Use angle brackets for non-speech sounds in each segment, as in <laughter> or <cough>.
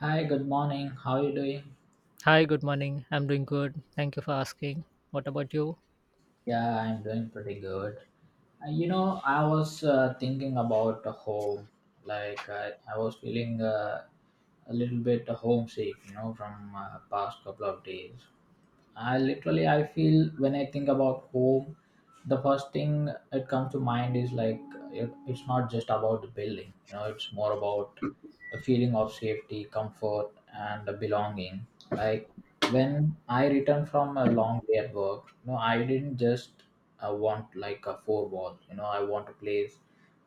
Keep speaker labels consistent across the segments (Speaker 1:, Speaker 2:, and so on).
Speaker 1: Hi, good morning. How are you doing?
Speaker 2: Hi, good morning. I'm doing good. Thank you for asking. What about you?
Speaker 1: Yeah, I'm doing pretty good. I was thinking about the home. I was feeling a little bit homesick, from past couple of days. I literally I feel when I think about home, the first thing that comes to mind is like it's not just about the building. You know, it's more about a feeling of safety, comfort, and a belonging. Like when I return from a long day at work, you know, I didn't just want like a four wall. You know, I want a place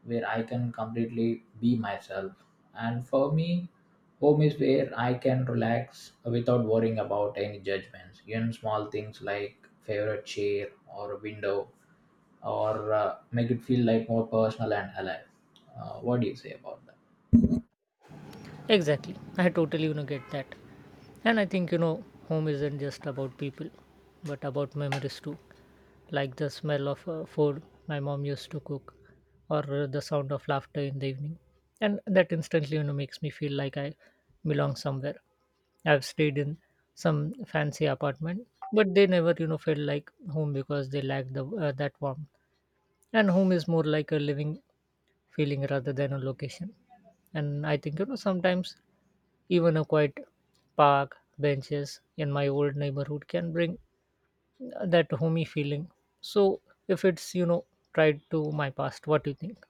Speaker 1: where I can completely be myself. And for me, home is where I can relax without worrying about any judgments. Even small things like favorite chair or a window or make it feel like more personal and alive. What do you say about that?
Speaker 2: Exactly. I totally, get that. And I think, home isn't just about people, but about memories too. Like the smell of food my mom used to cook or the sound of laughter in the evening. And that instantly, makes me feel like I belong somewhere. I've stayed in some fancy apartment, but they never, felt like home because they lack the that warmth. And home is more like a living feeling rather than a location. And I think, sometimes even a quiet park, benches in my old neighborhood can bring that homey feeling. So if it's tied to my past, what do you think?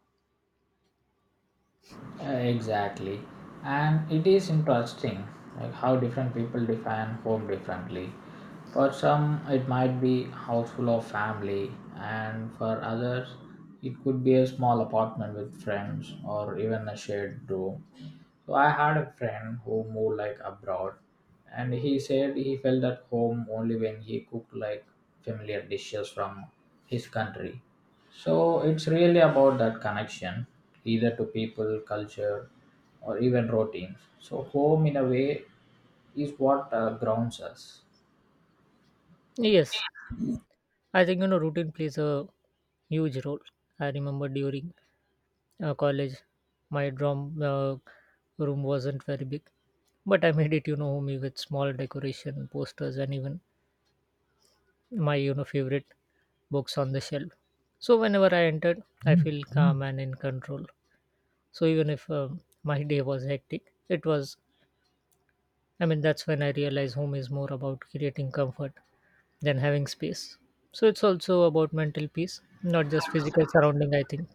Speaker 1: Exactly. And it is interesting like how different people define home differently. For some, it might be house full of family, and for others, it could be a small apartment with friends or even a shared room. So I had a friend who moved like abroad, and he said he felt at home only when he cooked like familiar dishes from his country. So it's really about that connection, either to people, culture, or even routines. So home, in a way, is what grounds us.
Speaker 2: Yes, I think, routine plays a huge role. I remember during college, my drum room wasn't very big, but I made it, homey with small decoration, posters, and even my favorite books on the shelf. So whenever I entered I feel calm and in control. So even if my day was hectic, it was. That's when I realized home is more about creating comfort than having space. So it's also about mental peace, not just physical surrounding, I think.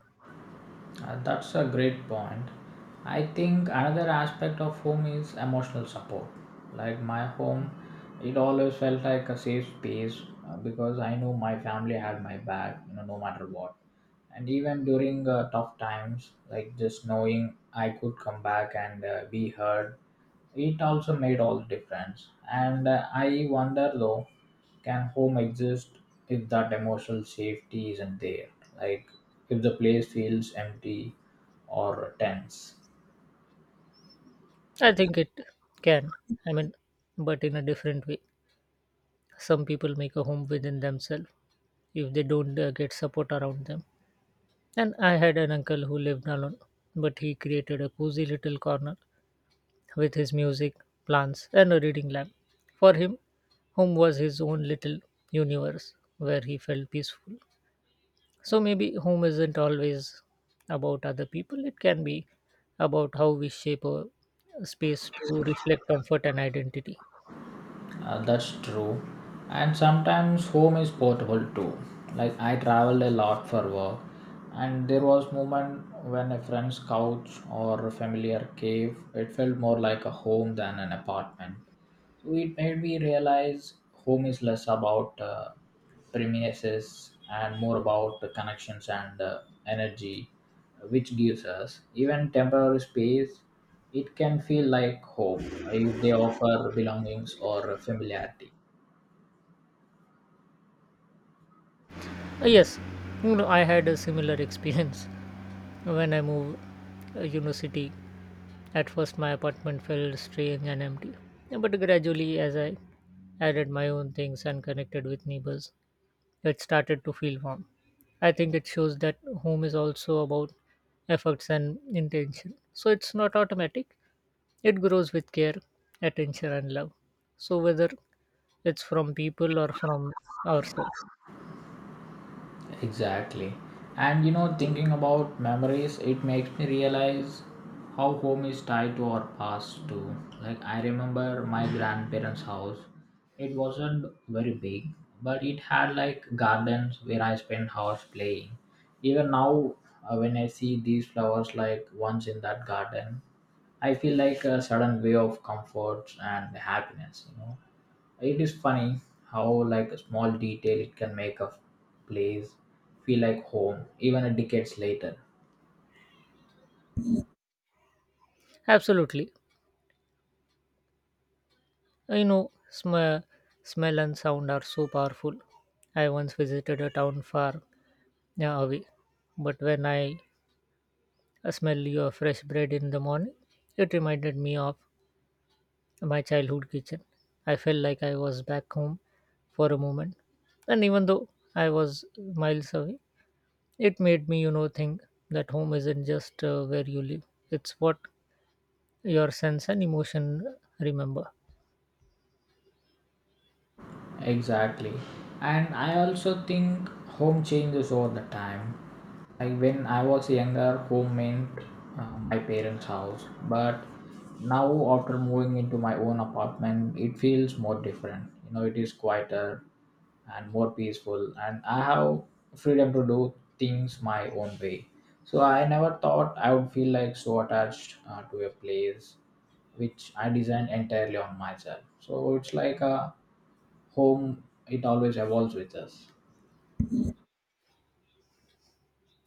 Speaker 1: That's a great point. I think another aspect of home is emotional support. Like my home, it always felt like a safe space because I knew my family had my back, you know, no matter what. And even during tough times, like just knowing I could come back and be heard, it also made all the difference. And I wonder though, can home exist if that emotional safety isn't there? Like if the place feels empty or tense.
Speaker 2: I think it can. I mean, but in a different way, some people make a home within themselves if they don't get support around them. And I had an uncle who lived alone, but he created a cozy little corner with his music, plants, and a reading lamp. For him, home was his own little universe where he felt peaceful. So maybe home isn't always about other people, it can be about how we shape a space to reflect comfort and identity.
Speaker 1: That's true. And sometimes home is portable too. Like I traveled a lot for work, and there was moment when a friend's couch or a familiar cave, it felt more like a home than an apartment. So it made me realize home is less about premises and more about the connections and energy which gives us even temporary space. It can feel like home if they offer belongings or familiarity.
Speaker 2: Yes, I had a similar experience <laughs> when I moved, city. At first, my apartment felt strange and empty, but gradually, as I added my own things and connected with neighbors, it started to feel warm. I think it shows that home is also about efforts and intention. So it's not automatic, it grows with care, attention, and love. So whether it's from people or from ourselves,
Speaker 1: Exactly. And you know, thinking about memories, it makes me realize how home is tied to our past too. Like I remember my grandparents' house. It wasn't very big, but it had like gardens where I spent hours playing. Even now, when I see these flowers like once in that garden, I feel like a sudden way of comfort and happiness, you know. It is funny how like a small detail it can make a place feel like home even a decades later.
Speaker 2: absolutely. You know, sm- Smell and sound are so powerful. I once visited a town far. Yeah, Avi. But when I smell your fresh bread in the morning, it reminded me of my childhood kitchen. I felt like I was back home for a moment. And even though I was miles away, it made me, think that home isn't just where you live, it's what your sense and emotion remember.
Speaker 1: Exactly. And I also think home changes over the time. Like when I was younger, home meant my parents' house. But now, after moving into my own apartment, it feels more different. You know, it is quieter, and more peaceful, and I have freedom to do things my own way. So I never thought I would feel like so attached to a place which I designed entirely on myself. So it's like a home, it always evolves with us.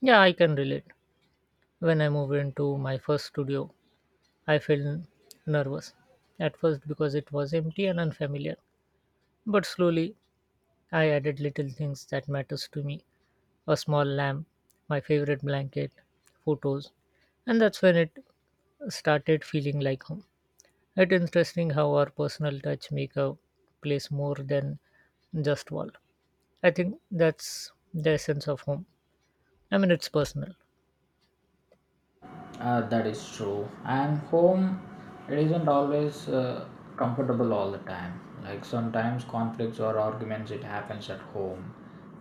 Speaker 2: Yeah, I can relate. When I moved into my first studio, I felt nervous at first because it was empty and unfamiliar. But slowly I added little things that matters to me. A small lamp, my favorite blanket, photos. And that's when it started feeling like home. It's interesting how our personal touch make a place more than just wall. I think that's the essence of home. I mean, it's personal.
Speaker 1: That is true. And home, it isn't always comfortable all the time. Like sometimes conflicts or arguments, it happens at home,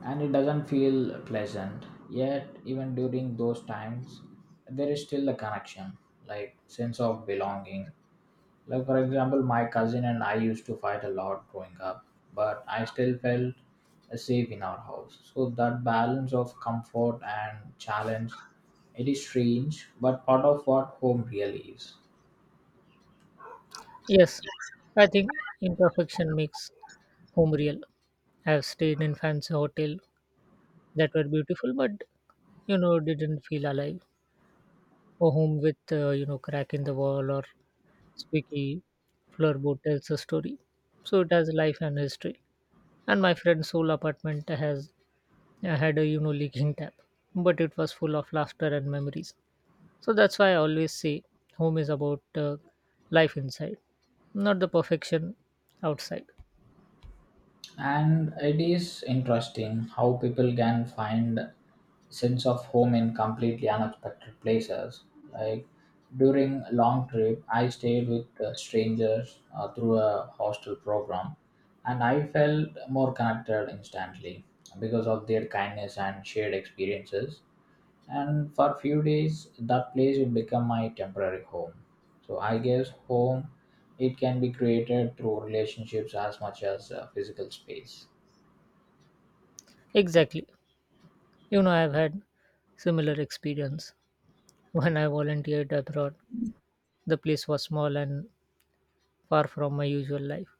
Speaker 1: and it doesn't feel pleasant. Yet, even during those times, there is still a connection, like sense of belonging, like, for example, my cousin and I used to fight a lot growing up, but I still felt safe in our house. So, that balance of comfort and challenge, it is strange, but part of what home really is.
Speaker 2: Yes, I think imperfection makes home real. I've stayed in fancy hotel that were beautiful, but didn't feel alive. Or home with crack in the wall, or squeaky floorboard tells a story. So it has life and history. And my friend's whole apartment has had a leaking tap, but it was full of laughter and memories. So that's why I always say home is about life inside, not the perfection outside.
Speaker 1: And it is interesting how people can find sense of home in completely unexpected places. Like during long trip I stayed with strangers through a hostel program, and I felt more connected instantly because of their kindness and shared experiences. And for few days that place will become my temporary home. So I guess home, it can be created through relationships as much as physical space.
Speaker 2: Exactly. You know, I've had similar experience when I volunteered abroad. The place was small and far from my usual life,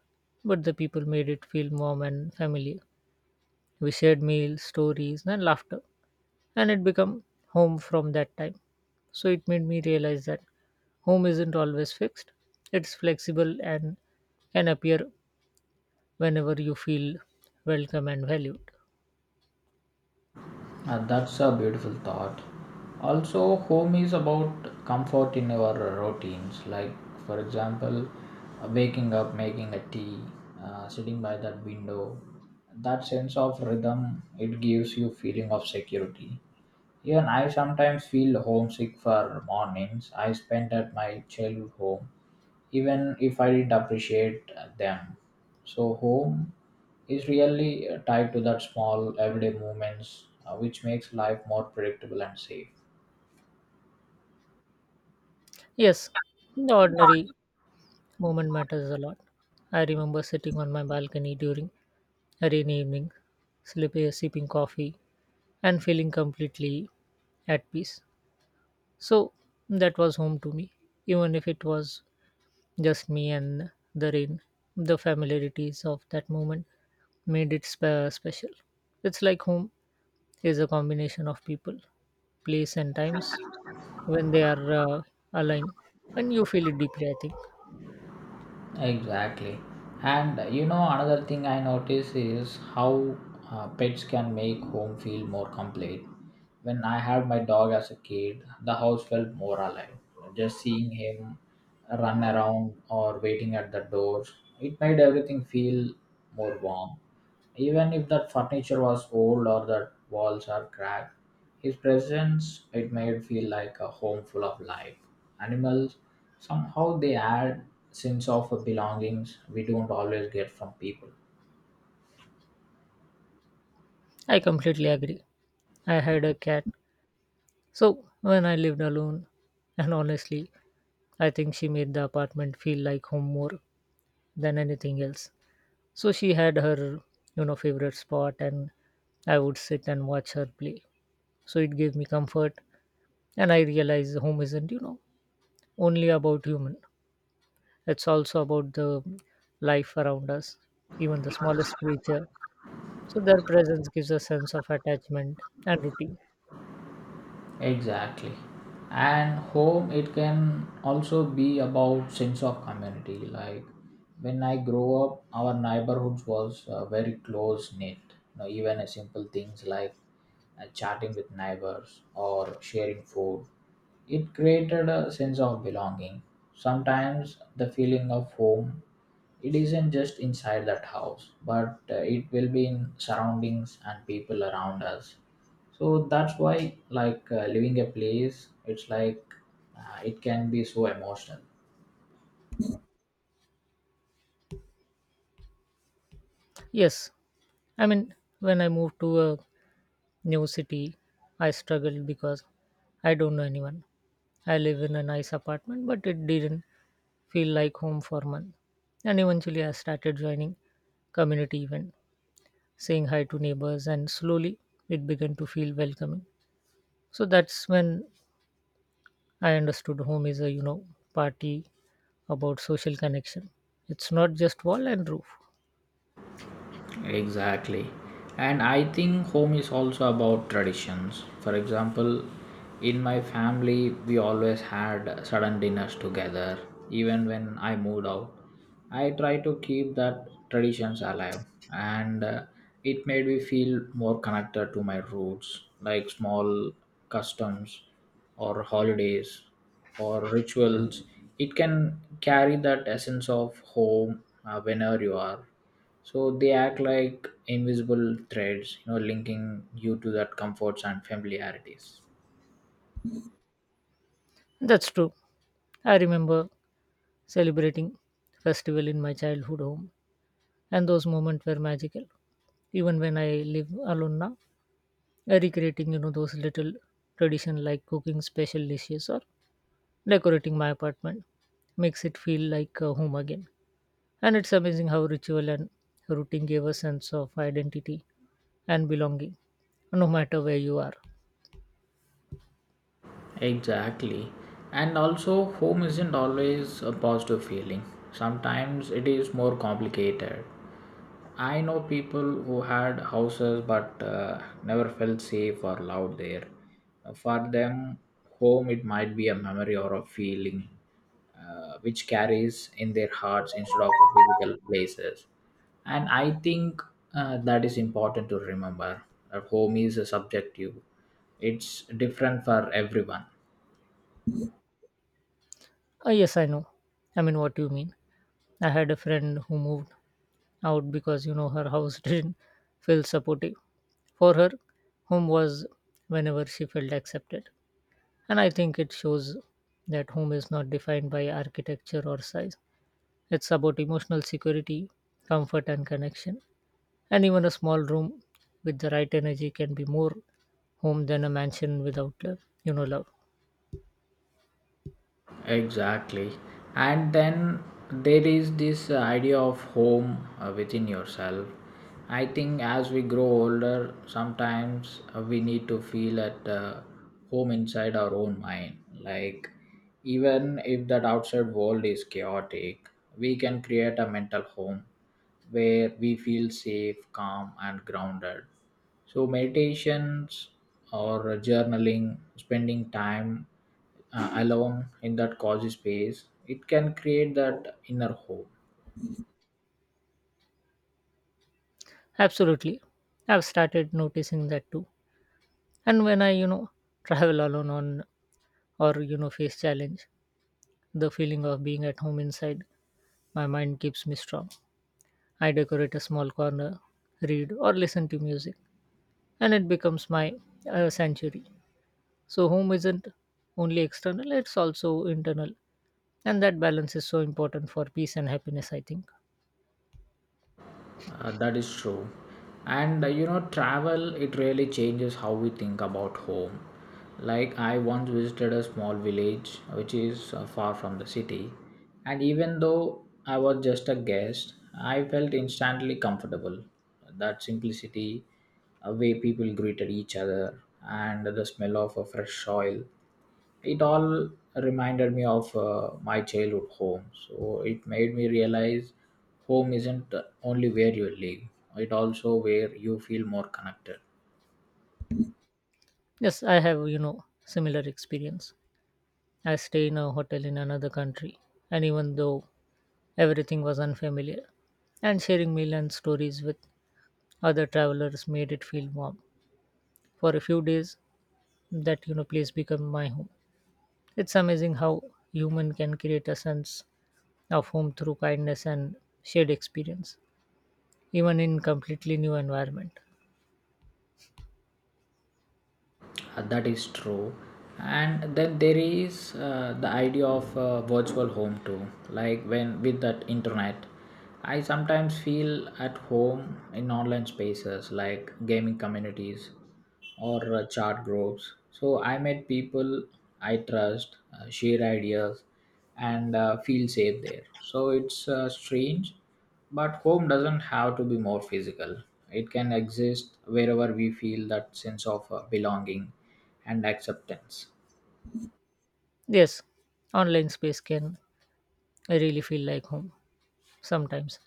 Speaker 2: but the people made it feel warm and familiar. We shared meals, stories, and laughter, and it became home from that time. So it made me realize that home isn't always fixed, it's flexible and can appear whenever you feel welcome and valued.
Speaker 1: And that's a beautiful thought. Also, home is about comfort in your routines. Like for example, waking up, making a tea, sitting by that window, that sense of rhythm, it gives you feeling of security. Even I sometimes feel homesick for mornings I spent at my childhood home, even if I didn't appreciate them. So, home is really tied to that small everyday moments, which makes life more predictable and safe.
Speaker 2: Yes, the ordinary moment matters a lot. I remember sitting on my balcony during a rainy evening, sleeping, sipping coffee, and feeling completely at peace. So that was home to me, even if it was just me and the rain. The familiarities of that moment made it special. It's like home is a combination of people, place, and times when they are aligned, and you feel it deeply, I think.
Speaker 1: Exactly. And another thing I notice is how pets can make home feel more complete. When I had my dog as a kid, the house felt more alive. Just seeing him run around or waiting at the door, it made everything feel more warm. Even if that furniture was old or that walls are cracked, his presence it made feel like a home full of life. Animals somehow they add sense of belongings we don't always get from people.
Speaker 2: I completely agree. I had a cat, so when I lived alone, and honestly, I think she made the apartment feel like home more than anything else. So she had her, favorite spot, and I would sit and watch her play. So it gave me comfort, and I realize home isn't, only about human, it's also about the life around us, even the smallest creature. So their presence gives a sense of attachment and routine.
Speaker 1: Exactly. And home it can also be about sense of community. Like when I grow up, our neighborhoods was very close knit. You know, even a simple things like chatting with neighbors or sharing food, it created a sense of belonging. Sometimes the feeling of home, it isn't just inside that house, but it will be in surroundings and people around us. So that's why, like leaving a place, it's like it can be so emotional.
Speaker 2: Yes, I mean, when I moved to a new city, I struggled because I don't know anyone. I live in a nice apartment but it didn't feel like home for a month. And eventually I started joining community event, saying hi to neighbors, and slowly it began to feel welcoming. So that's when I understood home is, a party about social connection. It's not just wall and roof.
Speaker 1: Exactly. And I think home is also about traditions. For example, in my family, we always had sudden dinners together, even when I moved out. I try to keep that traditions alive, and it made me feel more connected to my roots, like small customs or holidays or rituals. It can carry that essence of home whenever you are. So they act like invisible threads, you know, linking you to that comforts and familiarities.
Speaker 2: That's true. I remember celebrating festival in my childhood home, and those moments were magical. Even when I live alone now, I recreating those little tradition like cooking special dishes or decorating my apartment makes it feel like home again. And it's amazing how ritual and routine gave a sense of identity and belonging, no matter where you are.
Speaker 1: Exactly. And also, home isn't always a positive feeling. Sometimes it is more complicated. I know people who had houses but never felt safe or loved there. For them, home it might be a memory or a feeling which carries in their hearts instead of physical places. And I think that is important to remember that home is a subjective, it's different for everyone.
Speaker 2: Ah, yes, I know. I mean, what you mean. I had a friend who moved out because, her house <laughs> didn't feel supportive. For her, home was whenever she felt accepted. And I think it shows that home is not defined by architecture or size. It's about emotional security, comfort, and connection. And even a small room with the right energy can be more home than a mansion without love.
Speaker 1: Exactly. And then there is this idea of home within yourself. I think as we grow older, sometimes we need to feel at home inside our own mind. Like, even if that outside world is chaotic, we can create a mental home where we feel safe, calm, and grounded. So, meditations or journaling, spending time alone in that cozy space, it can create that inner hope.
Speaker 2: Absolutely. I've started noticing that too. And when I, travel alone on, or, face challenge, the feeling of being at home inside my mind keeps me strong. I decorate a small corner, read or listen to music, and it becomes my sanctuary. So home isn't only external, it's also internal. And that balance is so important for peace and happiness, I think.
Speaker 1: That is true. And travel, it really changes how we think about home. Like, I once visited a small village which is far from the city, and even though I was just a guest, I felt instantly comfortable. That simplicity, a way people greeted each other, and the smell of a fresh soil, it all reminded me of my childhood home. So it made me realize home isn't only where you live, it also where you feel more connected.
Speaker 2: Yes, I have, similar experience. I stay in a hotel in another country, and even though everything was unfamiliar, and sharing meal and stories with other travelers made it feel warm. For a few days, that place became my home. It's amazing how human can create a sense of home through kindness and shared experience, even in completely new environment.
Speaker 1: That is true. And then there is the idea of virtual home too. Like when with that internet, I sometimes feel at home in online spaces like gaming communities or chat groups. So I met people I trust, share ideas, and feel safe there. So it's strange but home doesn't have to be more physical. It can exist wherever we feel that sense of belonging and acceptance.
Speaker 2: Yes, online space can really feel like home sometimes.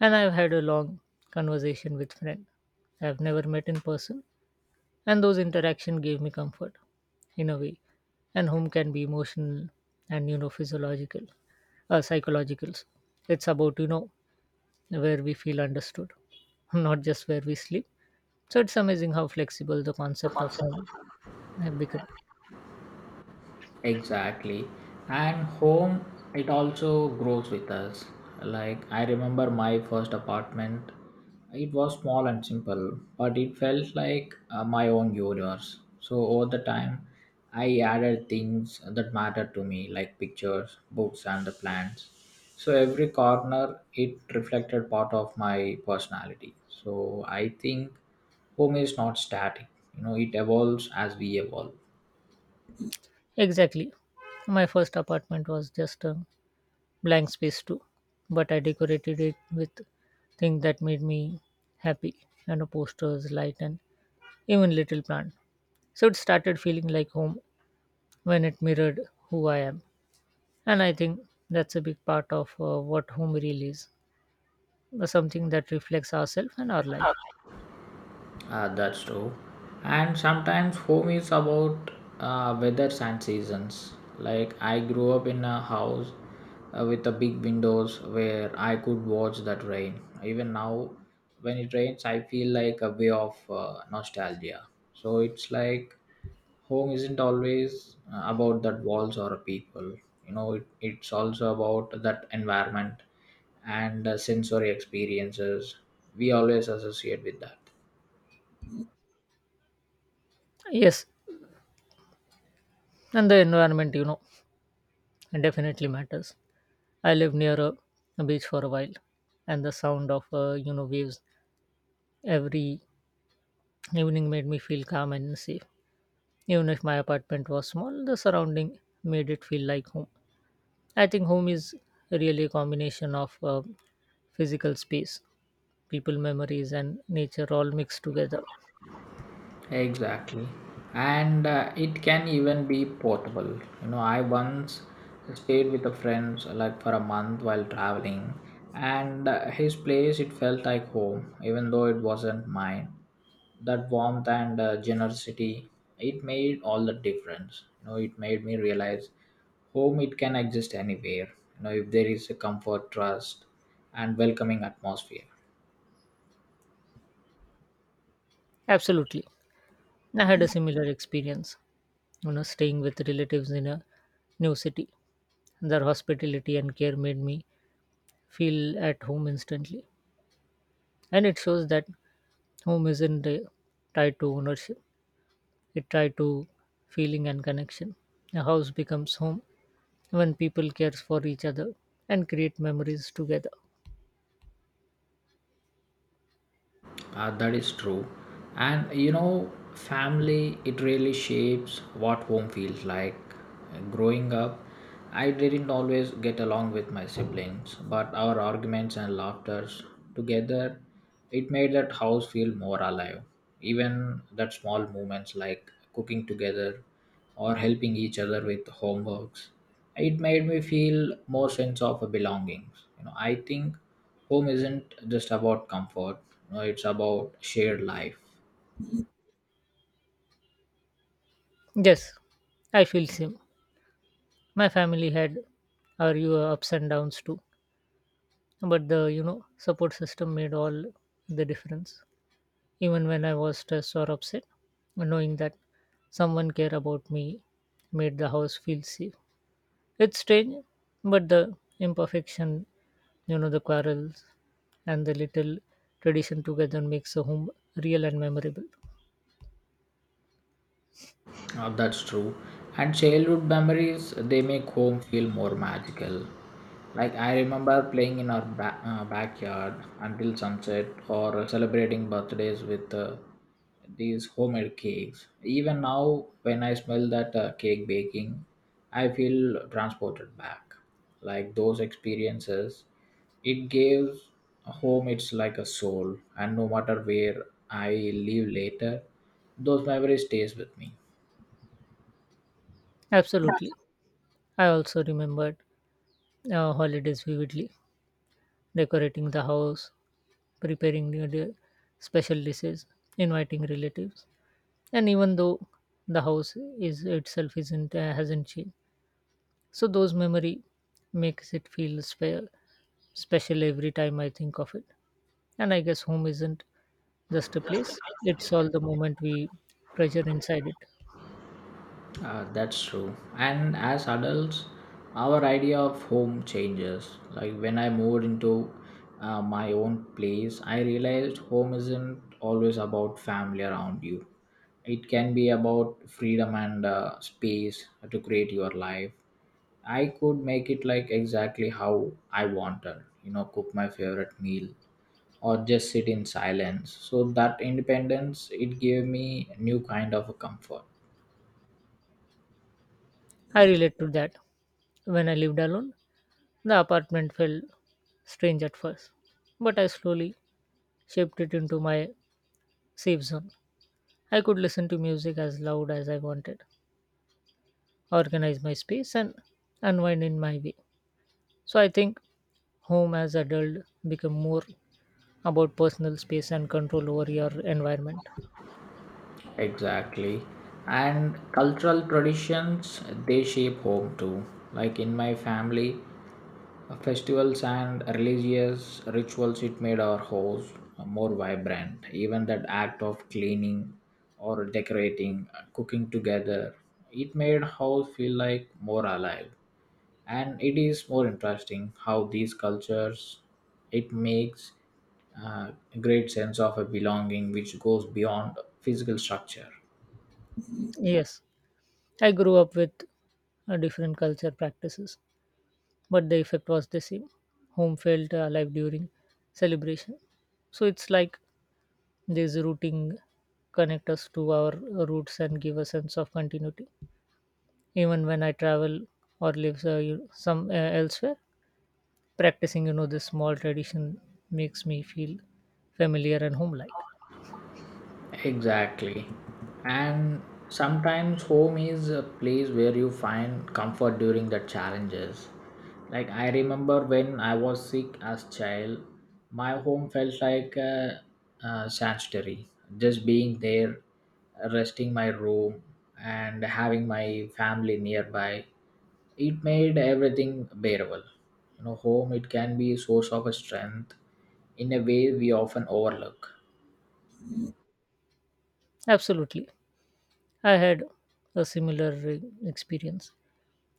Speaker 2: And I've had a long conversation with friend I've never met in person. And those interactions gave me comfort in a way. And home can be emotional and physiological, psychological. It's about where we feel understood, <laughs> not just where we sleep. So it's amazing how flexible the concept of home have become.
Speaker 1: Exactly. And home, it also grows with us. Like, I remember my first apartment. It was small and simple, but it felt like my own universe. So, over the time, I added things that mattered to me, like pictures, books, and the plants. So, every corner, it reflected part of my personality. So, I think home is not static, you know, it evolves as we evolve.
Speaker 2: Exactly, my first apartment was just a blank space too, but I decorated it with things that made me happy, and posters, light, and even little plant. So it started feeling like home when it mirrored who I am. And I think that's a big part of what home really is, something that reflects ourselves and our life.
Speaker 1: That's true. And sometimes home is about weathers and seasons. Like I grew up in a house with a big windows where I could watch that rain. Even now, when it rains, I feel like a way of nostalgia. So it's like home isn't always about that walls or people. You know, it's also about that environment and sensory experiences we always associate with that.
Speaker 2: Yes, and the environment, it definitely matters. I live near a beach for a while, and the sound of, waves every evening made me feel calm and safe. Even if my apartment was small, the surrounding made it feel like home. I think home is really a combination of physical space, people, memories, and nature all mixed together.
Speaker 1: Exactly. And it can even be portable. You know, I once stayed with a friend like for a month while traveling, and his place it felt like home, even though it wasn't mine. That warmth and generosity, it made all the difference. You know, it made me realize home it can exist anywhere. You know, if there is a comfort, trust, and welcoming atmosphere.
Speaker 2: Absolutely. I had a similar experience, staying with relatives in a new city. Their hospitality and care made me feel at home instantly. And it shows that home isn't tied to ownership, it tied to feeling and connection. A house becomes home when people care for each other and create memories together.
Speaker 1: That is true. And you know, family, it really shapes what home feels like. Growing up, I didn't always get along with my siblings, but our arguments and laughters together, it made that house feel more alive. Even that small moments like cooking together or helping each other with homeworks it made me feel more sense of a belongings, you know, I think home isn't just about comfort, you know, it's about shared life.
Speaker 2: Yes, I feel same. My family had our you ups and downs too, but the support system made all the difference. Even when I was stressed or upset, knowing that someone cared about me made the house feel safe. It's strange, but the imperfection, the quarrels and the little tradition together makes a home real and memorable.
Speaker 1: That's true. And childhood memories, they make home feel more magical. Like I remember playing in our backyard until sunset or celebrating birthdays with these homemade cakes. Even now, when I smell that cake baking, I feel transported back. Like those experiences, it gives home it's like a soul, and no matter where I live later, those memories stays with me.
Speaker 2: Absolutely. I also remembered holidays vividly, decorating the house, preparing special dishes, inviting relatives, and even though the house is itself isn't hasn't changed, so those memory makes it feel special every time I think of it. And I guess home isn't just a place, it's all the moment we treasure inside it.
Speaker 1: That's true. And as adults, our idea of home changes. Like when I moved into my own place, I realized home isn't always about family around you. It can be about freedom and space to create your life. I could make it like exactly how I wanted, you know, cook my favorite meal or just sit in silence. So that independence, it gave me new kind of a comfort.
Speaker 2: I relate to that. When I lived alone, the apartment felt strange at first, but I slowly shaped it into my safe zone. I could listen to music as loud as I wanted, organize my space, and unwind in my way. So I think home as adult become more about personal space and control over your environment.
Speaker 1: Exactly. And cultural traditions, they shape home too. Like in my family, festivals and religious rituals, it made our house more vibrant. Even that act of cleaning or decorating, cooking together, it made house feel like more alive and it is more interesting how these cultures it makes a great sense of a belonging which goes beyond physical structure.
Speaker 2: Yes, I grew up with different culture practices, but the effect was the same. Home felt alive during celebration. So it's like this routing connect us to our roots and give a sense of continuity. Even when I travel or live you- some elsewhere, practicing this small tradition makes me feel familiar and home-like.
Speaker 1: Exactly. And sometimes home is a place where you find comfort during the challenges. Like I remember when I was sick as child, my home felt like a sanctuary. Just being there, resting my room, and having my family nearby, it made everything bearable. You know, home it can be a source of strength in a way we often overlook.
Speaker 2: Absolutely, I had a similar experience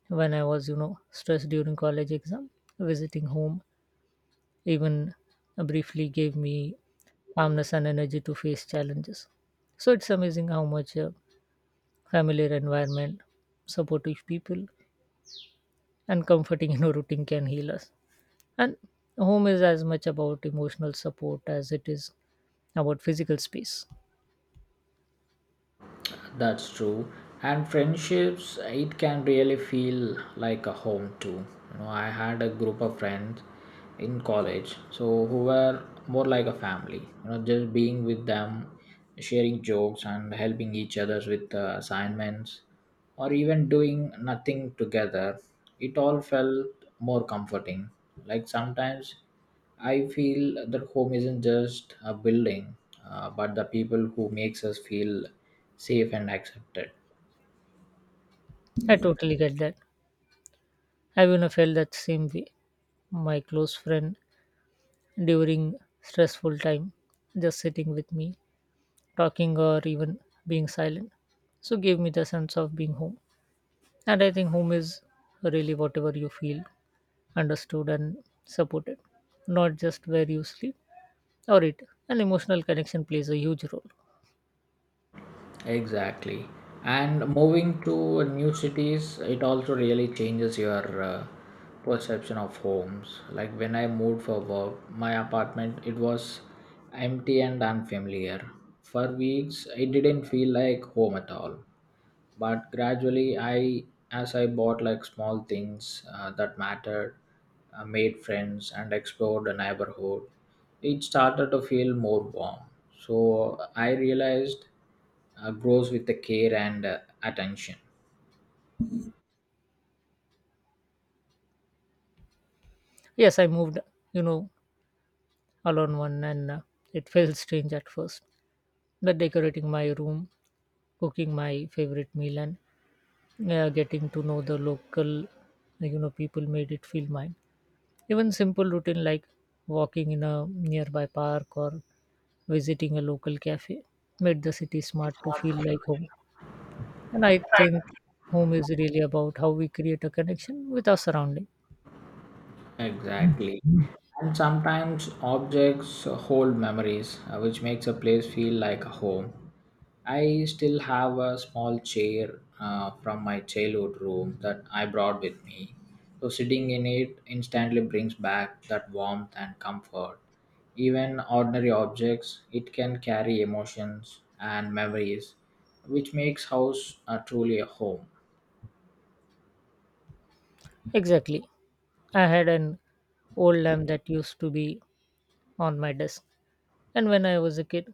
Speaker 2: when I was, stressed during college exam. Visiting home even briefly gave me calmness and energy to face challenges. So it's amazing how much a familiar environment, supportive people, and comforting <laughs> routine can heal us. And home is as much about emotional support as it is about physical space.
Speaker 1: That's true. And friendships, it can really feel like a home too. You know, I had a group of friends in college, so who were more like a family. You know, just being with them, sharing jokes and helping each other with assignments, or even doing nothing together. It all felt more comforting. Like sometimes I feel that home isn't just a building, but the people who makes us feel safe and accepted.
Speaker 2: I totally get that. I've even felt that same way. My close friend during stressful time just sitting with me talking or even being silent, so gave me the sense of being home. And I think home is really whatever you feel understood and supported, not just where you sleep or eat. An emotional connection plays a huge role.
Speaker 1: Exactly. And moving to new cities, it also really changes your perception of homes. Like when I moved for work, my apartment it was empty and unfamiliar. For weeks, it didn't feel like home at all. But gradually, I as I bought like small things that mattered, made friends and explored the neighborhood, it started to feel more warm. So I realized grows with the care and attention.
Speaker 2: Yes, I moved, you know alone one, and it felt strange at first, but decorating my room, cooking my favorite meal, and getting to know the local people made it feel mine. Even simple routine like walking in a nearby park or visiting a local cafe made the city smart to feel like home. And I think home is really about how we create a connection with our surrounding.
Speaker 1: Exactly. And sometimes objects hold memories which makes a place feel like a home. I still have a small chair from my childhood room that I brought with me. So sitting in it instantly brings back that warmth and comfort. Even ordinary objects, it can carry emotions and memories, which makes house truly a home.
Speaker 2: Exactly. I had an old lamp that used to be on my desk. And when I was a kid,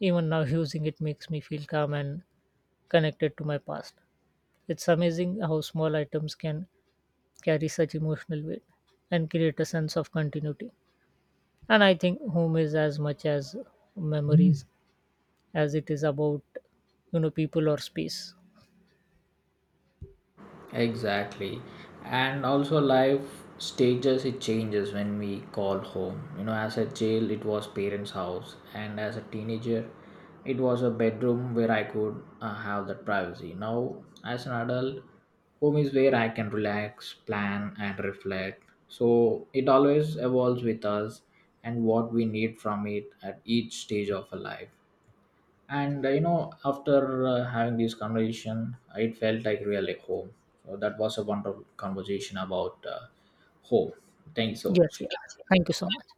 Speaker 2: even now <laughs> using it makes me feel calm and connected to my past. It's amazing how small items can carry such emotional weight and create a sense of continuity. And I think home is as much as memories as it is about people or space.
Speaker 1: Exactly. And also life stages it changes when we call home. You know, as a child it was parents' house and as a teenager it was a bedroom where I could have that privacy. Now as an adult home is where I can relax, plan and reflect. So it always evolves with us and what we need from it at each stage of our life. And you know, after having this conversation it felt like really home. So that was a wonderful conversation about home. Thank you so
Speaker 2: Yes, yeah,
Speaker 1: much.
Speaker 2: thank you so much.